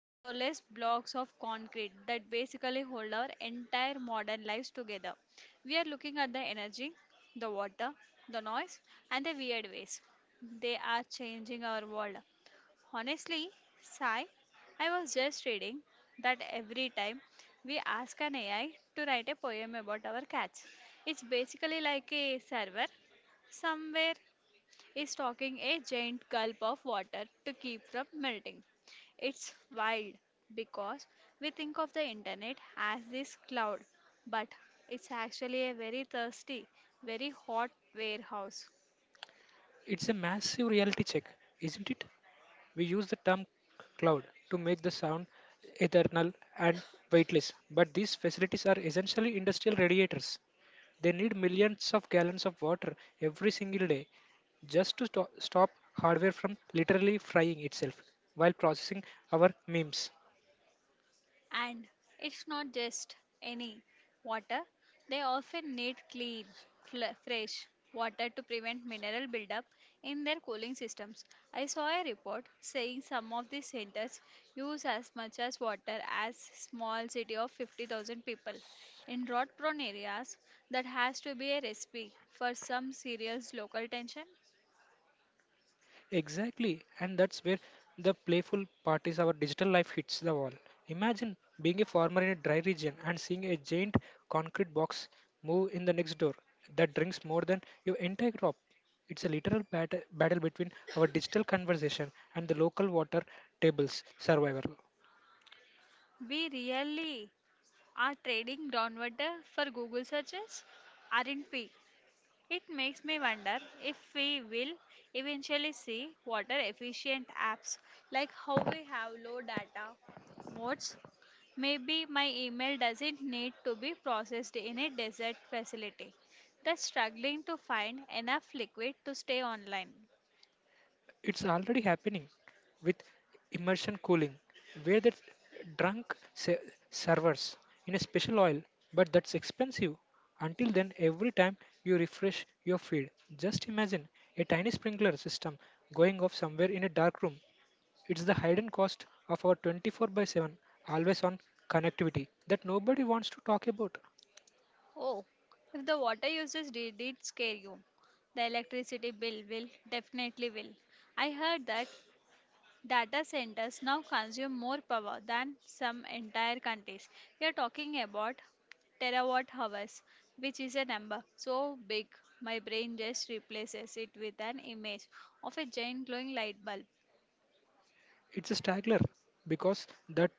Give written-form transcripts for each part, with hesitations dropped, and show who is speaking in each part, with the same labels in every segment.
Speaker 1: windowless blocks of concrete that basically hold our entire modern lives together. We are looking at the energy, the water, the noise, and the weird ways. They are changing our world. Honestly, Sai, I was just reading that every time we ask an AI to write a poem about our cats, it's basically like a server somewhere is talking a giant gulp of water to keep from melting. It's wild because we think of the internet as this cloud, but it's actually a very thirsty, very hot warehouse.
Speaker 2: It's a massive reality check, isn't it? We use the term cloud to make the sound eternal and weightless, but these facilities are essentially industrial radiators. They need millions of gallons of water every single day just to stop hardware from literally frying itself while processing our memes.
Speaker 1: And it's not just any water, they often need clean, fresh water to prevent mineral buildup in their cooling systems. I saw a report saying some of these centers use as much as water as small city of 50,000 people. In drought prone areas, that has to be a recipe for some serious local tension.
Speaker 2: Exactly, and that's where the playful part is our digital life hits the wall. Imagine being a farmer in a dry region and seeing a giant concrete box move in the next door that drinks more than your entire crop. It's a literal battle between our digital conversation and the local water tables survival.
Speaker 1: We really are trading groundwater for Google searches, aren't we? It makes me wonder if we will eventually see water efficient apps like how we have low data modes. Maybe my email doesn't need to be processed in a desert facility that's struggling to find enough liquid to stay online.
Speaker 2: It's already happening with immersion cooling, where the drunk se- servers in a special oil, but that's expensive. Until then, every time you refresh your feed, just imagine a tiny sprinkler system going off somewhere in a dark room. It's the hidden cost of our 24 by 7 always on connectivity that nobody wants to talk about.
Speaker 1: Oh, if the water usage did, scare you, the electricity bill will definitely will. I heard that data centers now consume more power than some entire countries. We are talking about terawatt hours, which is a number so big my brain just replaces it with an image of a giant glowing light bulb.
Speaker 2: It's a straggler because that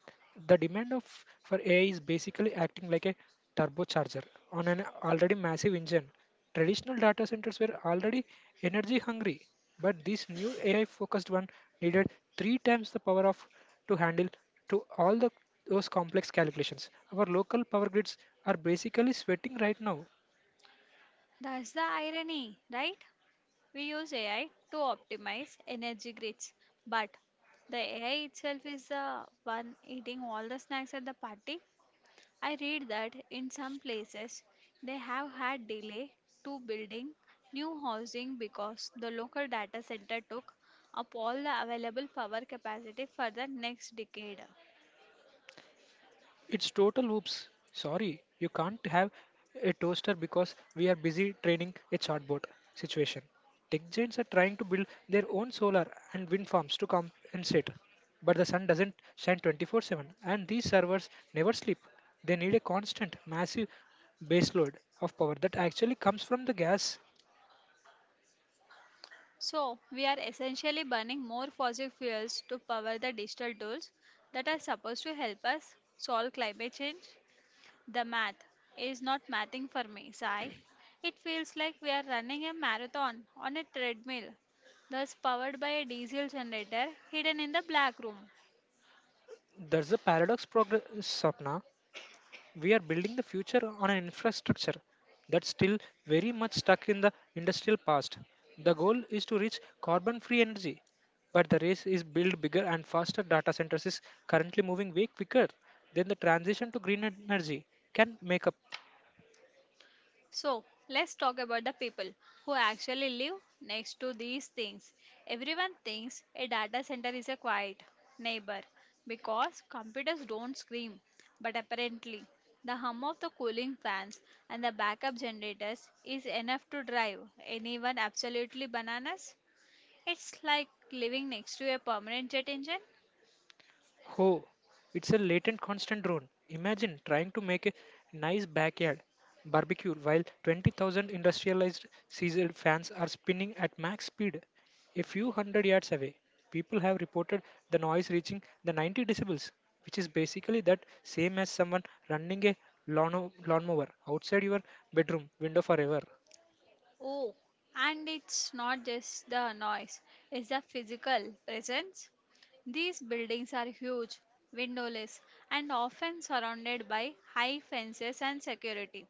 Speaker 2: the demand of for AI is basically acting like a turbocharger on an already massive engine. Traditional data centers were already energy hungry, but this new AI focused one needed three times the power of to handle to all the those complex calculations. Our local power grids are basically sweating right now.
Speaker 1: That's the irony, right? We use AI to optimize energy grids, but the AI itself is the one eating all the snacks at the party. I read that in some places they have had delay to building new housing because the local data center took up all the available power capacity for the next decade.
Speaker 2: It's total oops. Sorry, you can't have a toaster because we are busy training a chatbot situation. Tech giants are trying to build their own solar and wind farms to compensate. But the sun doesn't shine 24 7, and these servers never sleep. They need a constant, massive baseload of power that actually comes from the gas.
Speaker 1: So, we are essentially burning more fossil fuels to power the digital tools that are supposed to help us solve climate change. The math is not mathing for me, Sai. It feels like we are running a marathon on a treadmill, thus powered by a diesel generator hidden in the black room.
Speaker 2: There's a paradox, progress, Sapna. We are building the future on an infrastructure that's still very much stuck in the industrial past. The goal is to reach carbon free energy, but the race is build bigger and faster data centers is currently moving way quicker than the transition to green energy can make up.
Speaker 1: So, let's talk about the people who actually live next to these things. Everyone thinks a data center is a quiet neighbor because computers don't scream, but apparently, the hum of the cooling fans and the backup generators is enough to drive anyone absolutely bananas. It's like living next to a permanent jet engine.
Speaker 2: Oh, it's a latent constant drone. Imagine trying to make a nice backyard barbecue while 20,000 industrialized diesel fans are spinning at max speed a few hundred yards away. People have reported the noise reaching the 90 decibels, which is basically that same as someone running a lawnmower outside your bedroom window forever.
Speaker 1: Oh, and it's not just the noise, it's the physical presence. These buildings are huge, windowless, and often surrounded by high fences and security.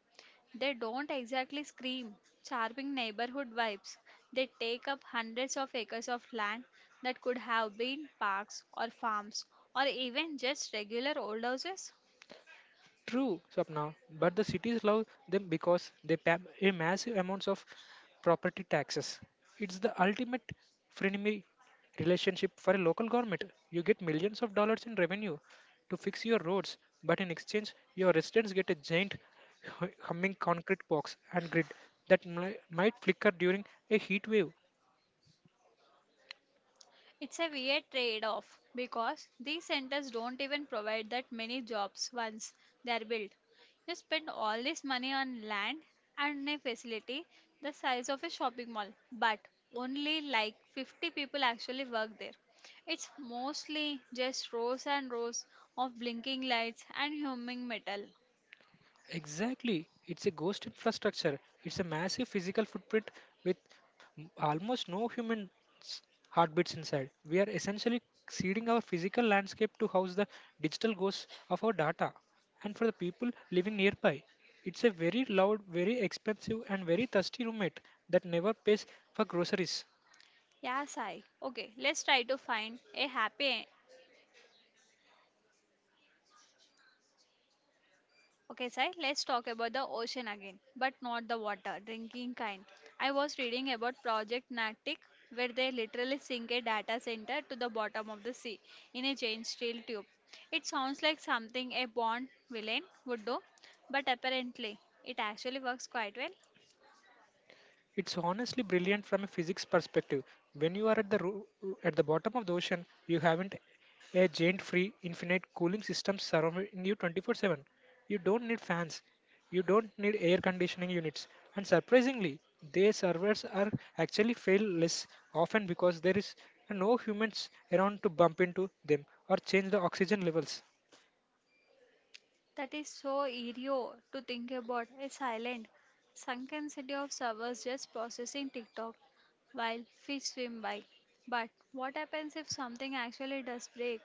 Speaker 1: They don't exactly scream, charming neighborhood vibes. They take up hundreds of acres of land that could have been parks or farms or even just regular old houses.
Speaker 2: True, Swapna, but the cities love them because they pay a massive amounts of property taxes. It's the ultimate frenemy relationship for a local government. You get millions of dollars in revenue to fix your roads, but in exchange, your residents get a giant humming concrete box and grid that might flicker during a heat wave.
Speaker 1: It's a weird trade off because these centers don't even provide that many jobs once they are built. You spend all this money on land and a facility the size of a shopping mall, but only like 50 people actually work there. It's mostly just rows and rows of blinking lights and humming metal.
Speaker 2: Exactly. It's a ghost infrastructure. It's a massive physical footprint with almost no human s- heartbeats inside. We are essentially seeding our physical landscape to house the digital ghosts of our data. And for the people living nearby, it's a very loud, very expensive, and very thirsty roommate that never pays for groceries.
Speaker 1: Yeah, Sai. Okay, let's try to find a happy Okay, Sai, let's talk about the ocean again, but not the water, drinking kind. I was reading about Project Natic, where they literally sink a data center to the bottom of the sea in a giant steel tube. It sounds like something a Bond villain would do, but apparently it actually works quite well.
Speaker 2: It's honestly brilliant from a physics perspective. When you are at the at the bottom of the ocean, you haven't a giant free infinite cooling system surrounding you 24/7. You don't need fans. You don't need air conditioning units. And surprisingly, their servers are actually fail less often because there is no humans around to bump into them or change the oxygen levels.
Speaker 1: That is so eerio to think about. A silent, sunken city of servers just processing TikTok while fish swim by. But what happens if something actually does break?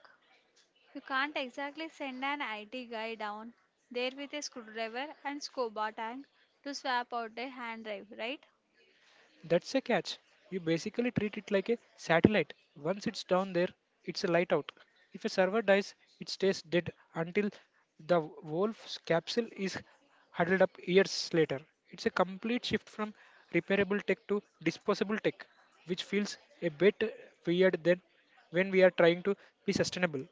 Speaker 1: You can't exactly send an IT guy down there with a screwdriver and scuba tank to swap out a hand drive, right?
Speaker 2: That's a catch. You basically treat it like a satellite. Once it's down there, it's a light out. If a server dies, it stays dead until the wolf's capsule is huddled up years later. It's a complete shift from repairable tech to disposable tech, which feels a bit weird then, when we are trying to be sustainable.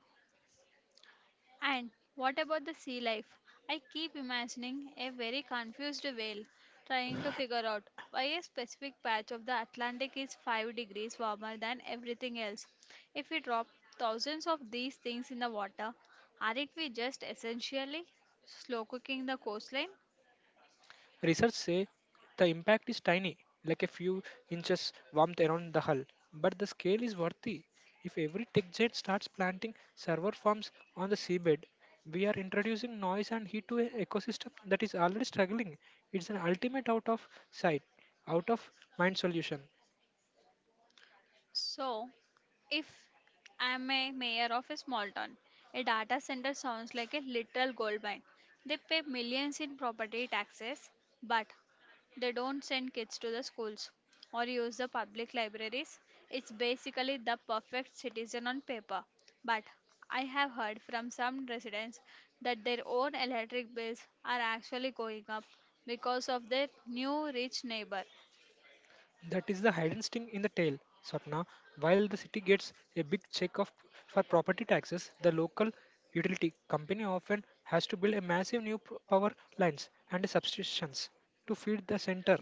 Speaker 1: And what about the sea life? I keep imagining a very confused whale trying to figure out why a specific patch of the Atlantic is 5 degrees warmer than everything else. If we drop thousands of these things in the water, aren't we just essentially slow cooking the coastline?
Speaker 2: Research say the impact is tiny, like a few inches warmth around the hull, but the scale is worthy. If every tech jet starts planting server farms on the seabed, we are introducing noise and heat to an ecosystem that is already struggling. It's an ultimate out of sight, out of mind solution.
Speaker 1: So, if I'm a mayor of a small town, a data center sounds like a literal gold mine. They pay millions in property taxes, but they don't send kids to the schools or use the public libraries. It's basically the perfect citizen on paper. But I have heard from some residents that their own electric bills are actually going up because of their new rich neighbor.
Speaker 2: That is the hidden sting in the tail, Swapna. While the city gets a big check of, for property taxes, the local utility company often has to build a massive new power lines and substations to feed the center.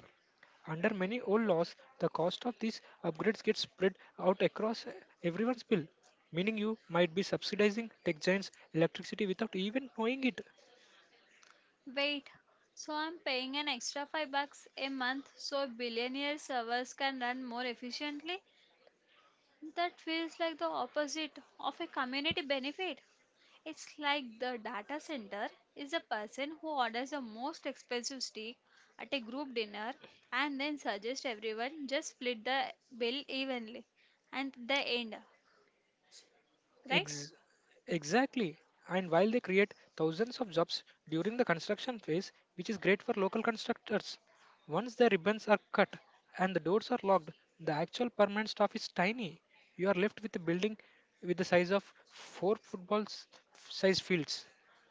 Speaker 2: Under many old laws, the cost of these upgrades gets spread out across everyone's bill, meaning you might be subsidizing tech giants' electricity without even knowing it.
Speaker 1: Wait, so I'm paying an extra 5 bucks a month so billionaire servers can run more efficiently? That feels like the opposite of a community benefit. It's like the data center is the person who orders the most expensive steak at a group dinner and then suggests everyone just split the bill evenly and the end, right?
Speaker 2: Ex- exactly. And while they create thousands of jobs during the construction phase, which is great for local constructors, once the ribbons are cut and the doors are locked, the actual permanent staff is tiny. You are left with a building with the size of four football size fields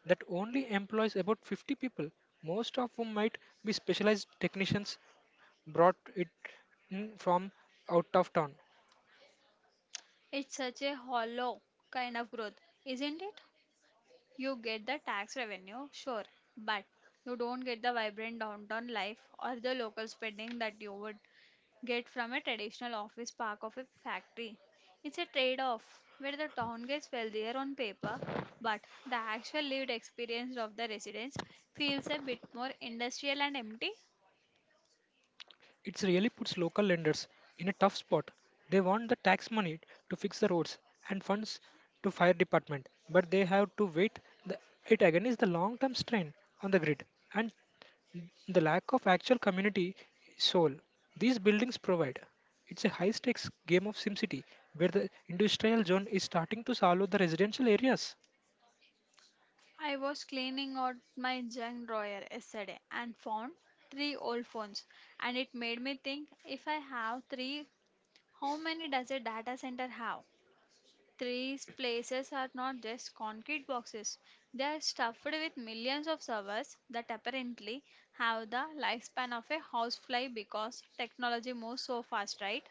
Speaker 2: that only employs about 50 people, most of whom might be specialized technicians brought it in from out of town.
Speaker 1: It's such a hollow kind of growth, isn't it? You get the tax revenue, sure, but you don't get the vibrant downtown life or the local spending that you would get from a traditional office park of a factory. It's a trade off where the town gets wealthier on paper, but the actual lived experience of the residents feels a bit more industrial and empty.
Speaker 2: It really puts local lenders in a tough spot. They want the tax money to fix the roads and funds to fire department, but they have to wait. The, it again is the long-term strain on the grid and the lack of actual community soul these buildings provide. It's a high stakes game of SimCity where the industrial zone is starting to swallow the residential areas.
Speaker 1: I was cleaning out my junk drawer yesterday and found three old phones, and it made me think, if I have three, how many does a data center have? These places are not just concrete boxes. They are stuffed with millions of servers that apparently have the lifespan of a housefly because technology moves so fast, right?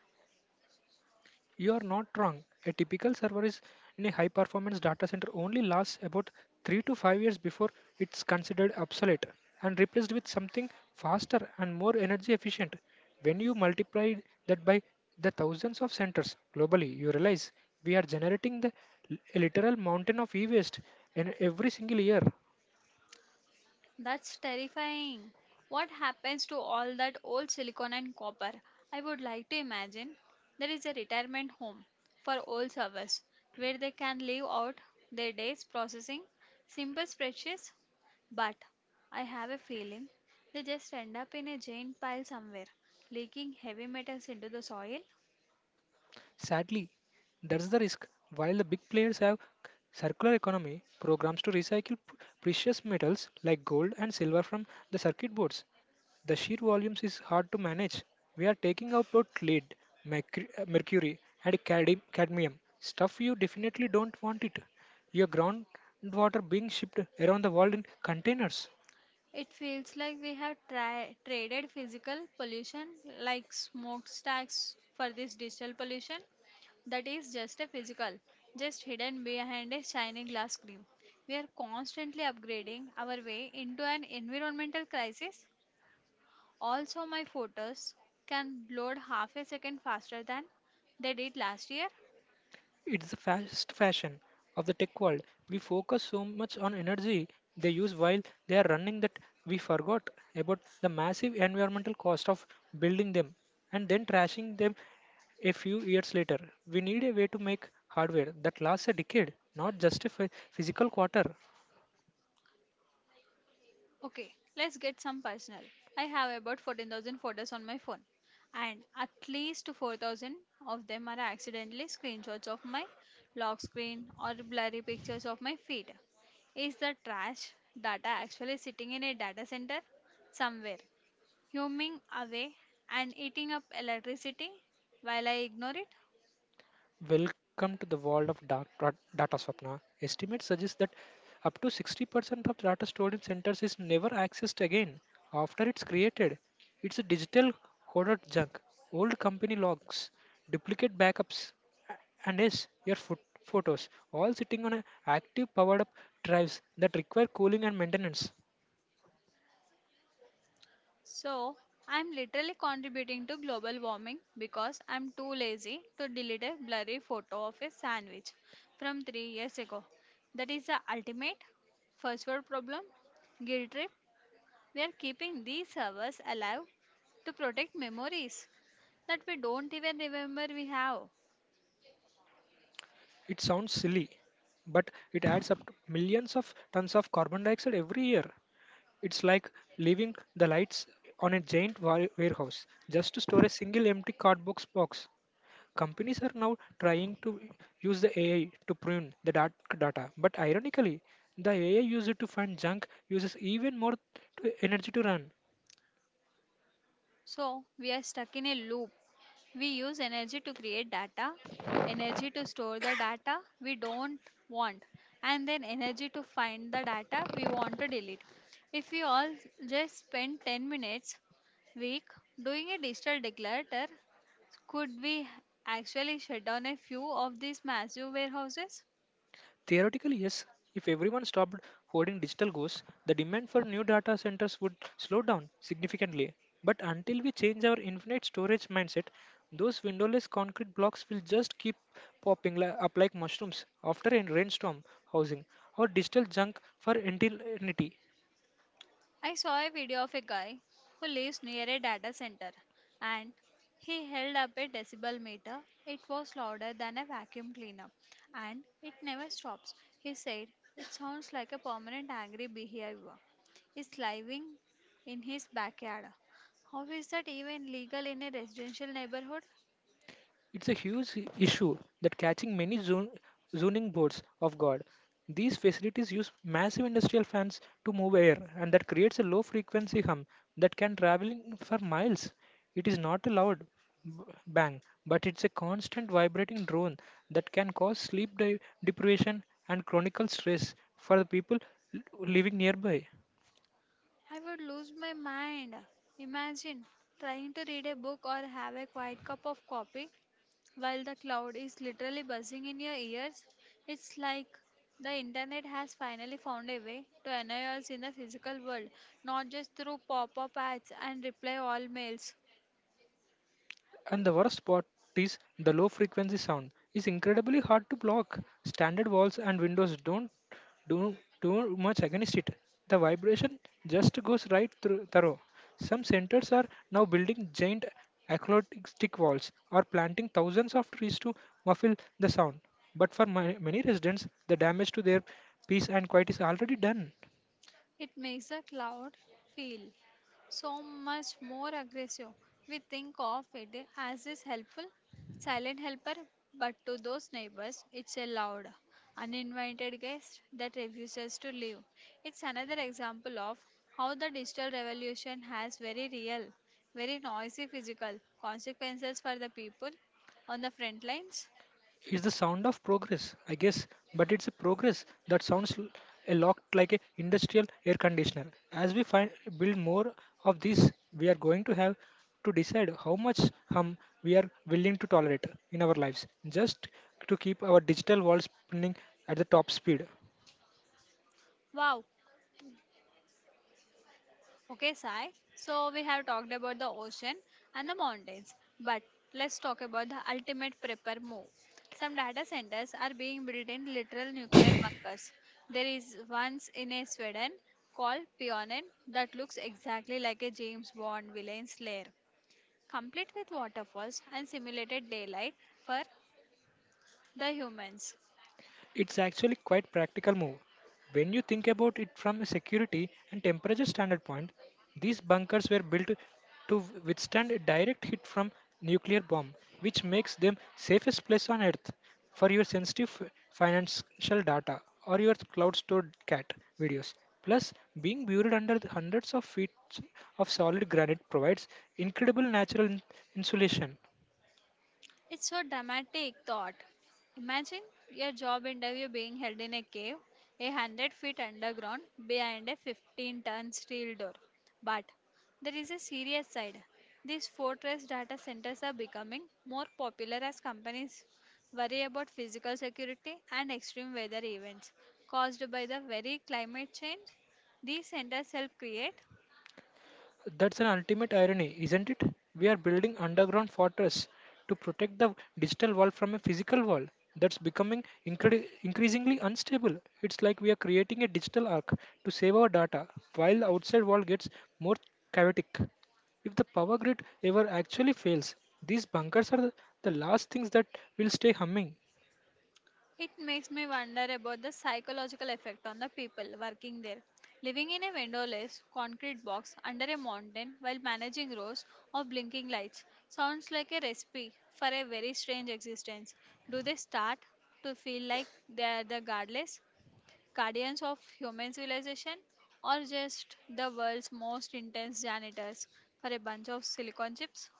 Speaker 2: You are not wrong. A typical server is in a high performance data center only lasts about 3 to 5 years before it's considered obsolete and replaced with something faster and more energy efficient. When you multiply that by the thousands of centers globally, you realize we are generating the a literal mountain of e waste in every single year.
Speaker 1: That's terrifying. What happens to all that old silicon and copper? I would like to imagine there is a retirement home for old servers where they can live out their days processing simple spreadsheets, but I have a feeling they just end up in a giant pile somewhere, leaking heavy metals into the soil.
Speaker 2: Sadly, that's the risk. While the big players have circular economy programs to recycle precious metals like gold and silver from the circuit boards, the sheer volumes is hard to manage. We are taking out both lead, mercury, and cadmium, stuff you definitely don't want it. Your groundwater being shipped around the world in containers.
Speaker 1: It feels like we have traded physical pollution like smokestacks for this digital pollution that is just a physical, just hidden behind a shiny glass screen. We are constantly upgrading our way into an environmental crisis. Also, my photos can load half a second faster than they did last year.
Speaker 2: It's the fast fashion of the tech world. We focus so much on energy they use while they are running that we forgot about the massive environmental cost of building them and then trashing them a few years later. We need a way to make hardware that lasts a decade, not just a physical quarter.
Speaker 1: Okay, let's get some personal. I have about 14,000 photos on my phone, and at least 4,000 of them are accidentally screenshots of my lock screen or blurry pictures of my feet. Is the trash data actually sitting in a data center somewhere, humming away and eating up electricity while I ignore it?
Speaker 2: Welcome to the world of data, Swapna. Estimates suggest that up to 60% of data stored in centers is never accessed again after it's created. It's a digital hoarded junk, old company logs, duplicate backups, a- and yes, your foot photos, all sitting on a active powered up drives that require cooling and maintenance.
Speaker 1: So, I'm literally contributing to global warming because I'm too lazy to delete a blurry photo of a sandwich from 3 years ago. That is the ultimate first world problem guilt trip. We are keeping these servers alive to protect memories that we don't even remember we have.
Speaker 2: It sounds silly, but it adds up to millions of tons of carbon dioxide every year. It's like leaving the lights on a giant warehouse just to store a single empty cardbox box. Companies are now trying to use the AI to prune the dark data, but ironically, the AI used to find junk uses even more energy to run.
Speaker 1: So we are stuck in a loop. We use energy to create data, energy to store the data we don't want, and then energy to find the data we want to delete. If we all just spend 10 minutes week doing a digital declutter, could we actually shut down a few of these massive warehouses?
Speaker 2: Theoretically, yes. If everyone stopped hoarding digital ghosts, the demand for new data centers would slow down significantly. But until we change our infinite storage mindset, those windowless concrete blocks will just keep popping up like mushrooms after a rainstorm housing our digital junk for eternity.
Speaker 1: I saw a video of a guy who lives near a data center and he held up a decibel meter. It was louder than a vacuum cleaner and it never stops. He said, it sounds like a permanent angry behavior. Is living in his backyard. How is that even legal in a residential neighborhood?
Speaker 2: It's a huge issue that catching many zoning boards of God. These facilities use massive industrial fans to move air, and that creates a low frequency hum that can travel for miles. It is not a loud b- bang, but it's a constant vibrating drone that can cause sleep deprivation and chronic stress for the people l- living nearby.
Speaker 1: I would lose my mind. Imagine trying to read a book or have a quiet cup of coffee while the cloud is literally buzzing in your ears. It's like the internet has finally found a way to annoy us in the physical world, not just through pop up ads and reply all mails.
Speaker 2: And the worst part is the low frequency sound is incredibly hard to block. Standard walls and windows don't do too much against it. The vibration just goes right through thorough. Some centers are now building giant acoustic walls or planting thousands of trees to muffle the sound. But for many residents, the damage to their peace and quiet is already done.
Speaker 1: It makes a cloud feel so much more aggressive. We think of it as this helpful, silent helper, but to those neighbors, it's a loud, uninvited guest that refuses to leave. It's another example of how the digital revolution has very real, very noisy physical consequences for the people on the front lines.
Speaker 2: It's the sound of progress, I guess, but it's a progress that sounds a lot like a industrial air conditioner. As we find build more of these, we are going to have to decide how much hum we are willing to tolerate in our lives, just to keep our digital world spinning at the top speed.
Speaker 1: Wow, okay, Sai. So we have talked about the ocean and the mountains, but let's talk about the ultimate prepper move. Some data centers are being built in literal nuclear bunkers. There is once in a Sweden called Pionen that looks exactly like a James Bond villain's lair, complete with waterfalls and simulated daylight for the humans.
Speaker 2: It's actually quite practical move. When you think about it from a security and temperature standard point, these bunkers were built to withstand a direct hit from nuclear bomb, which makes them safest place on earth for your sensitive financial data or your cloud stored cat videos. Plus, being buried under the hundreds of feet of solid granite provides incredible natural insulation.
Speaker 1: It's a dramatic thought. Imagine your job interview being held in a cave, a hundred feet underground, behind a 15-ton steel door. But there is a serious side. These fortress data centers are becoming more popular as companies worry about physical security and extreme weather events caused by the very climate change. These centers help create.
Speaker 2: That's an ultimate irony, isn't it? We are building underground fortress to protect the digital world from a physical world that's becoming increasingly unstable. It's like we are creating a digital ark to save our data while the outside world gets more chaotic. If the power grid ever actually fails, these bunkers are the last things that will stay humming.
Speaker 1: It makes me wonder about the psychological effect on the people working there. Living in a windowless concrete box under a mountain while managing rows of blinking lights sounds like a recipe for a very strange existence. Do they start to feel like they are the godless guardians of human civilization, or just the world's most intense janitors for a bunch of silicon chips?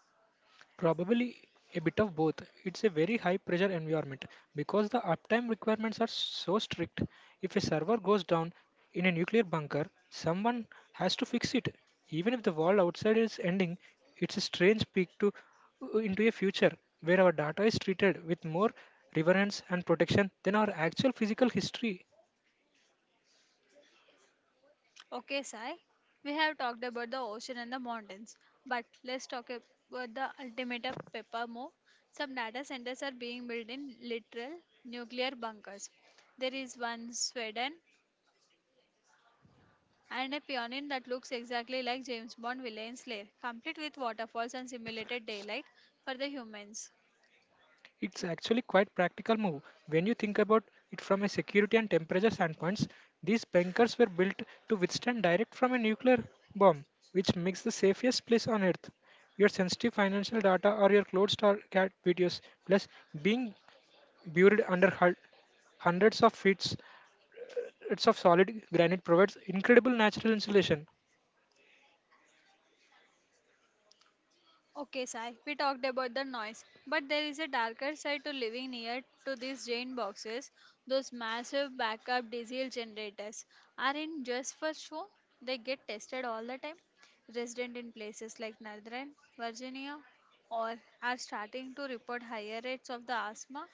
Speaker 2: Probably a bit of both. It's a very high pressure environment because the uptime requirements are so strict. If a server goes down in a nuclear bunker, someone has to fix it. Even if the world outside is ending, it's a strange peek to into a future where our data is treated with more reverence and protection than our actual physical history.
Speaker 1: Okay, Sai, we have talked about the ocean and the mountains, but let's talk about the ultimate of pepper more. Some data centers are being built in literal nuclear bunkers. There is one in Sweden and a pioneer that looks exactly like James Bond villain's lair, complete with waterfalls and simulated daylight for the humans.
Speaker 2: It's actually quite practical move when you think about it from a security and temperature standpoints. These bunkers were built to withstand direct from a nuclear bomb, which makes the safest place on earth. Your sensitive financial data or your closed star cat videos, plus being buried under hundreds of feet of solid granite provides incredible natural insulation.
Speaker 1: Okay, Sai, we talked about the noise, but there is a darker side to living near to these giant boxes. Those massive backup diesel generators aren't just for show, they get tested all the time. Residents in places like Northern Virginia or are starting to report higher rates of the asthma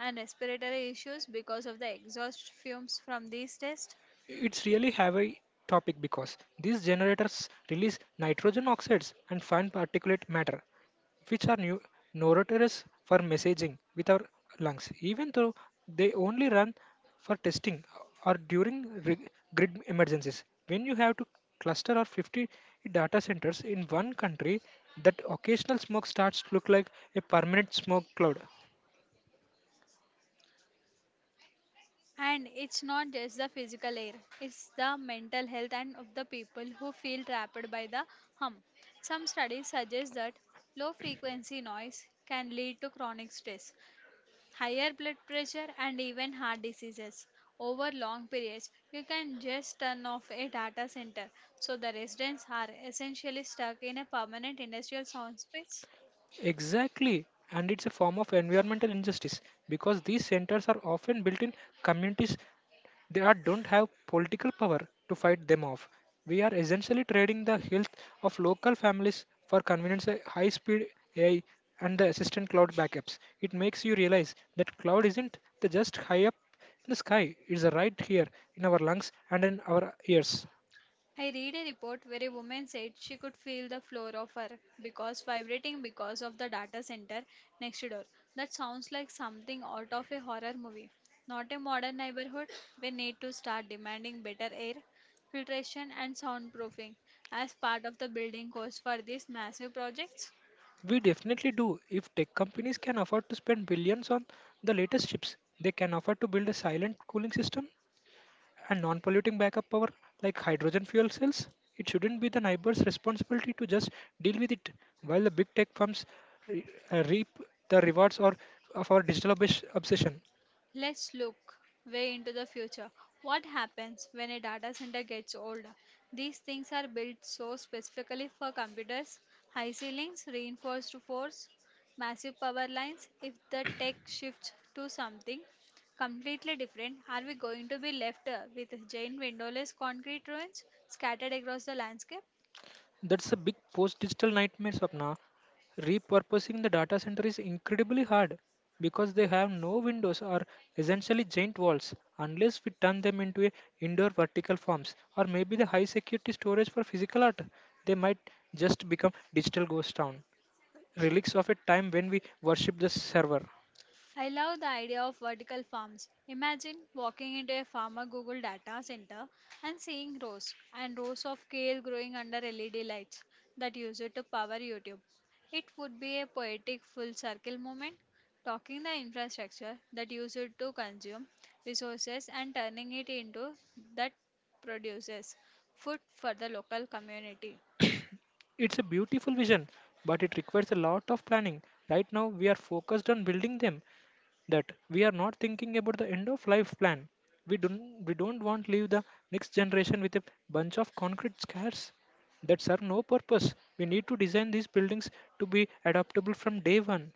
Speaker 1: and respiratory issues because of the exhaust fumes from these tests.
Speaker 2: It's really heavy topic because these generators release nitrogen oxides and fine particulate matter which are new notorious for messaging with our lungs, even though they only run for testing or during grid emergencies. When you have to cluster or 50 data centers in one country, that occasional smoke starts to look like a permanent smoke cloud.
Speaker 1: And it's not just the physical air, it's the mental health and of the people who feel trapped by the hum. Some studies suggest that low frequency noise can lead to chronic stress, higher blood pressure, and even heart diseases. Over long periods, you can just turn off a data center, so the residents are essentially stuck in a permanent industrial sound space.
Speaker 2: Exactly, and it's a form of environmental injustice because these centers are often built in communities. They are, don't have political power to fight them off. We are essentially trading the health of local families for convenience, high speed AI, and the assistant cloud backups. It makes you realize that cloud isn't the just high up in the sky, it's right here in our lungs and in our ears.
Speaker 1: I read a report where a woman said she could feel the floor of her because vibrating because of the data center next door. That sounds like something out of a horror movie. Not a modern neighborhood. We need to start demanding better air filtration and soundproofing as part of the building cost for these massive projects.
Speaker 2: We definitely do. If tech companies can afford to spend billions on the latest chips, they can afford to build a silent cooling system and non-polluting backup power like hydrogen fuel cells. It shouldn't be the neighbor's responsibility to just deal with it, while the big tech firms re- reap the rewards or of our digital obsession.
Speaker 1: Let's look way into the future. What happens when a data center gets older? These things are built so specifically for computers, high ceilings, reinforced force, massive power lines. If the tech shifts to something completely different, are we going to be left with giant windowless concrete ruins scattered across the landscape?
Speaker 2: That's a big post-digital nightmare, Swapna. Repurposing the data center is incredibly hard because they have no windows or essentially giant walls, unless we turn them into a indoor vertical farms or maybe the high security storage for physical art. They might just become digital ghost town, relics of a time when we worship the server.
Speaker 1: I love the idea of vertical farms. Imagine walking into a farmer Google data center and seeing rows and rows of kale growing under LED lights that use it to power YouTube. It would be a poetic full circle moment, talking the infrastructure that uses it to consume resources and turning it into that produces food for the local community.
Speaker 2: It's a beautiful vision, but it requires a lot of planning. Right now, we are focused on building them. That we are not thinking about the end of life plan. We don't want to leave the next generation with a bunch of concrete scares that serve no purpose. We need to design these buildings to be adaptable from day 1.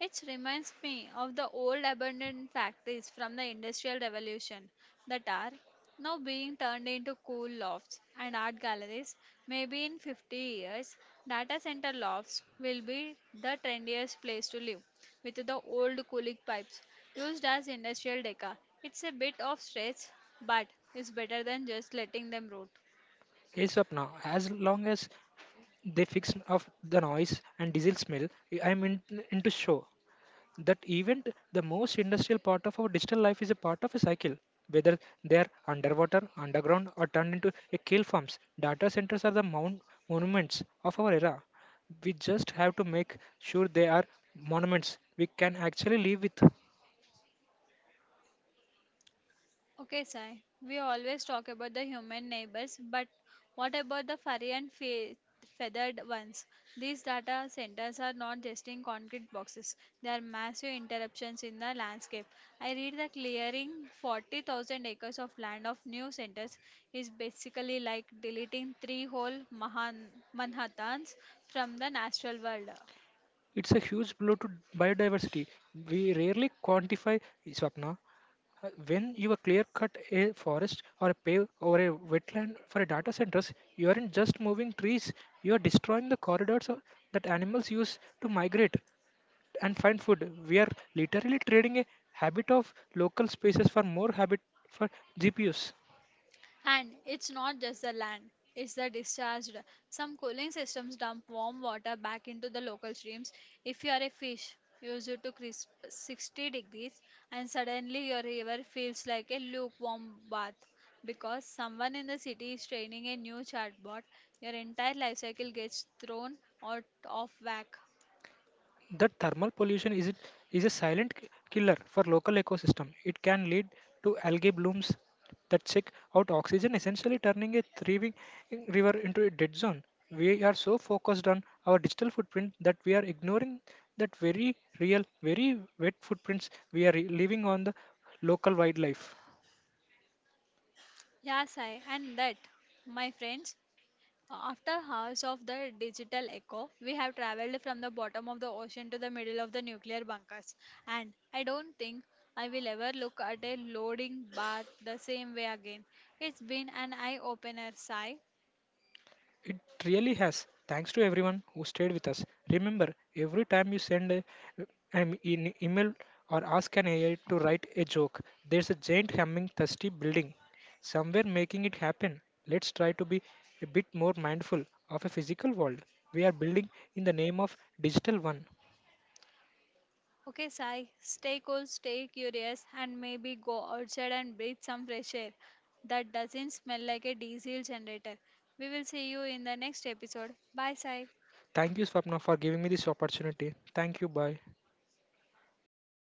Speaker 1: It reminds me of the old abandoned factories from the Industrial Revolution that are now being turned into cool lofts and art galleries. Maybe in 50 years, data center lofts will be the trendiest place to live, with the old cooling pipes used as industrial decor. It's a bit of stretch, but it's better than just letting them rot.
Speaker 2: Yes, Sapna, as long as they fix off the noise and diesel smell, I'm in, into show. That event the most industrial part of our digital life is a part of a cycle, whether they are underwater underground or turned into a kill farms, data centers are the mount monuments of our era. We just have to make sure they are monuments we can actually live with.
Speaker 1: Okay, Sai. We always talk about the human neighbors, but what about the furry and feathered ones? These data centers are not just in concrete boxes, they are massive interruptions in the landscape. I read the clearing 40,000 acres of land of new centers is basically like deleting three whole Manhattans from the natural world.
Speaker 2: It's a huge blow to biodiversity we rarely quantify, Swapna. When you are clear cut a forest or a pave or a wetland for a data centers, you aren't just moving trees, you are destroying the corridors that animals use to migrate and find food. We are literally trading a habit of local spaces for more habit for GPUs.
Speaker 1: And it's not just the land, it's the discharge. Some cooling systems dump warm water back into the local streams. If you are a fish, use it to crisp 60 degrees, and suddenly your river feels like a lukewarm bath. Because someone in the city is training a new chatbot, your entire life cycle gets thrown out of whack.
Speaker 2: The thermal pollution is, it, is a silent killer for local ecosystem. It can lead to algae blooms that check out oxygen, essentially turning a thriving river into a dead zone. We are so focused on our digital footprint that we are ignoring that very real, very wet footprints we are leaving on the local wildlife.
Speaker 1: Yes, I. And that, my friends, after hours of the digital echo, we have traveled from the bottom of the ocean to the middle of the nuclear bunkers. And I don't think I will ever look at a loading bar the same way again. It's been an eye opener, Sai.
Speaker 2: It really has. Thanks to everyone who stayed with us. Remember, every time you send email or ask an AI to write a joke, there's a giant humming thirsty building somewhere making it happen. Let's try to be a bit more mindful of a physical world we are building in the name of digital one.
Speaker 1: Okay, Sai, stay cool, stay curious, and maybe go outside and breathe some fresh air that doesn't smell like a diesel generator. We will see you in the next episode. Bye, Sai.
Speaker 2: Thank you, Swapna, for giving me this opportunity. Thank you. Bye.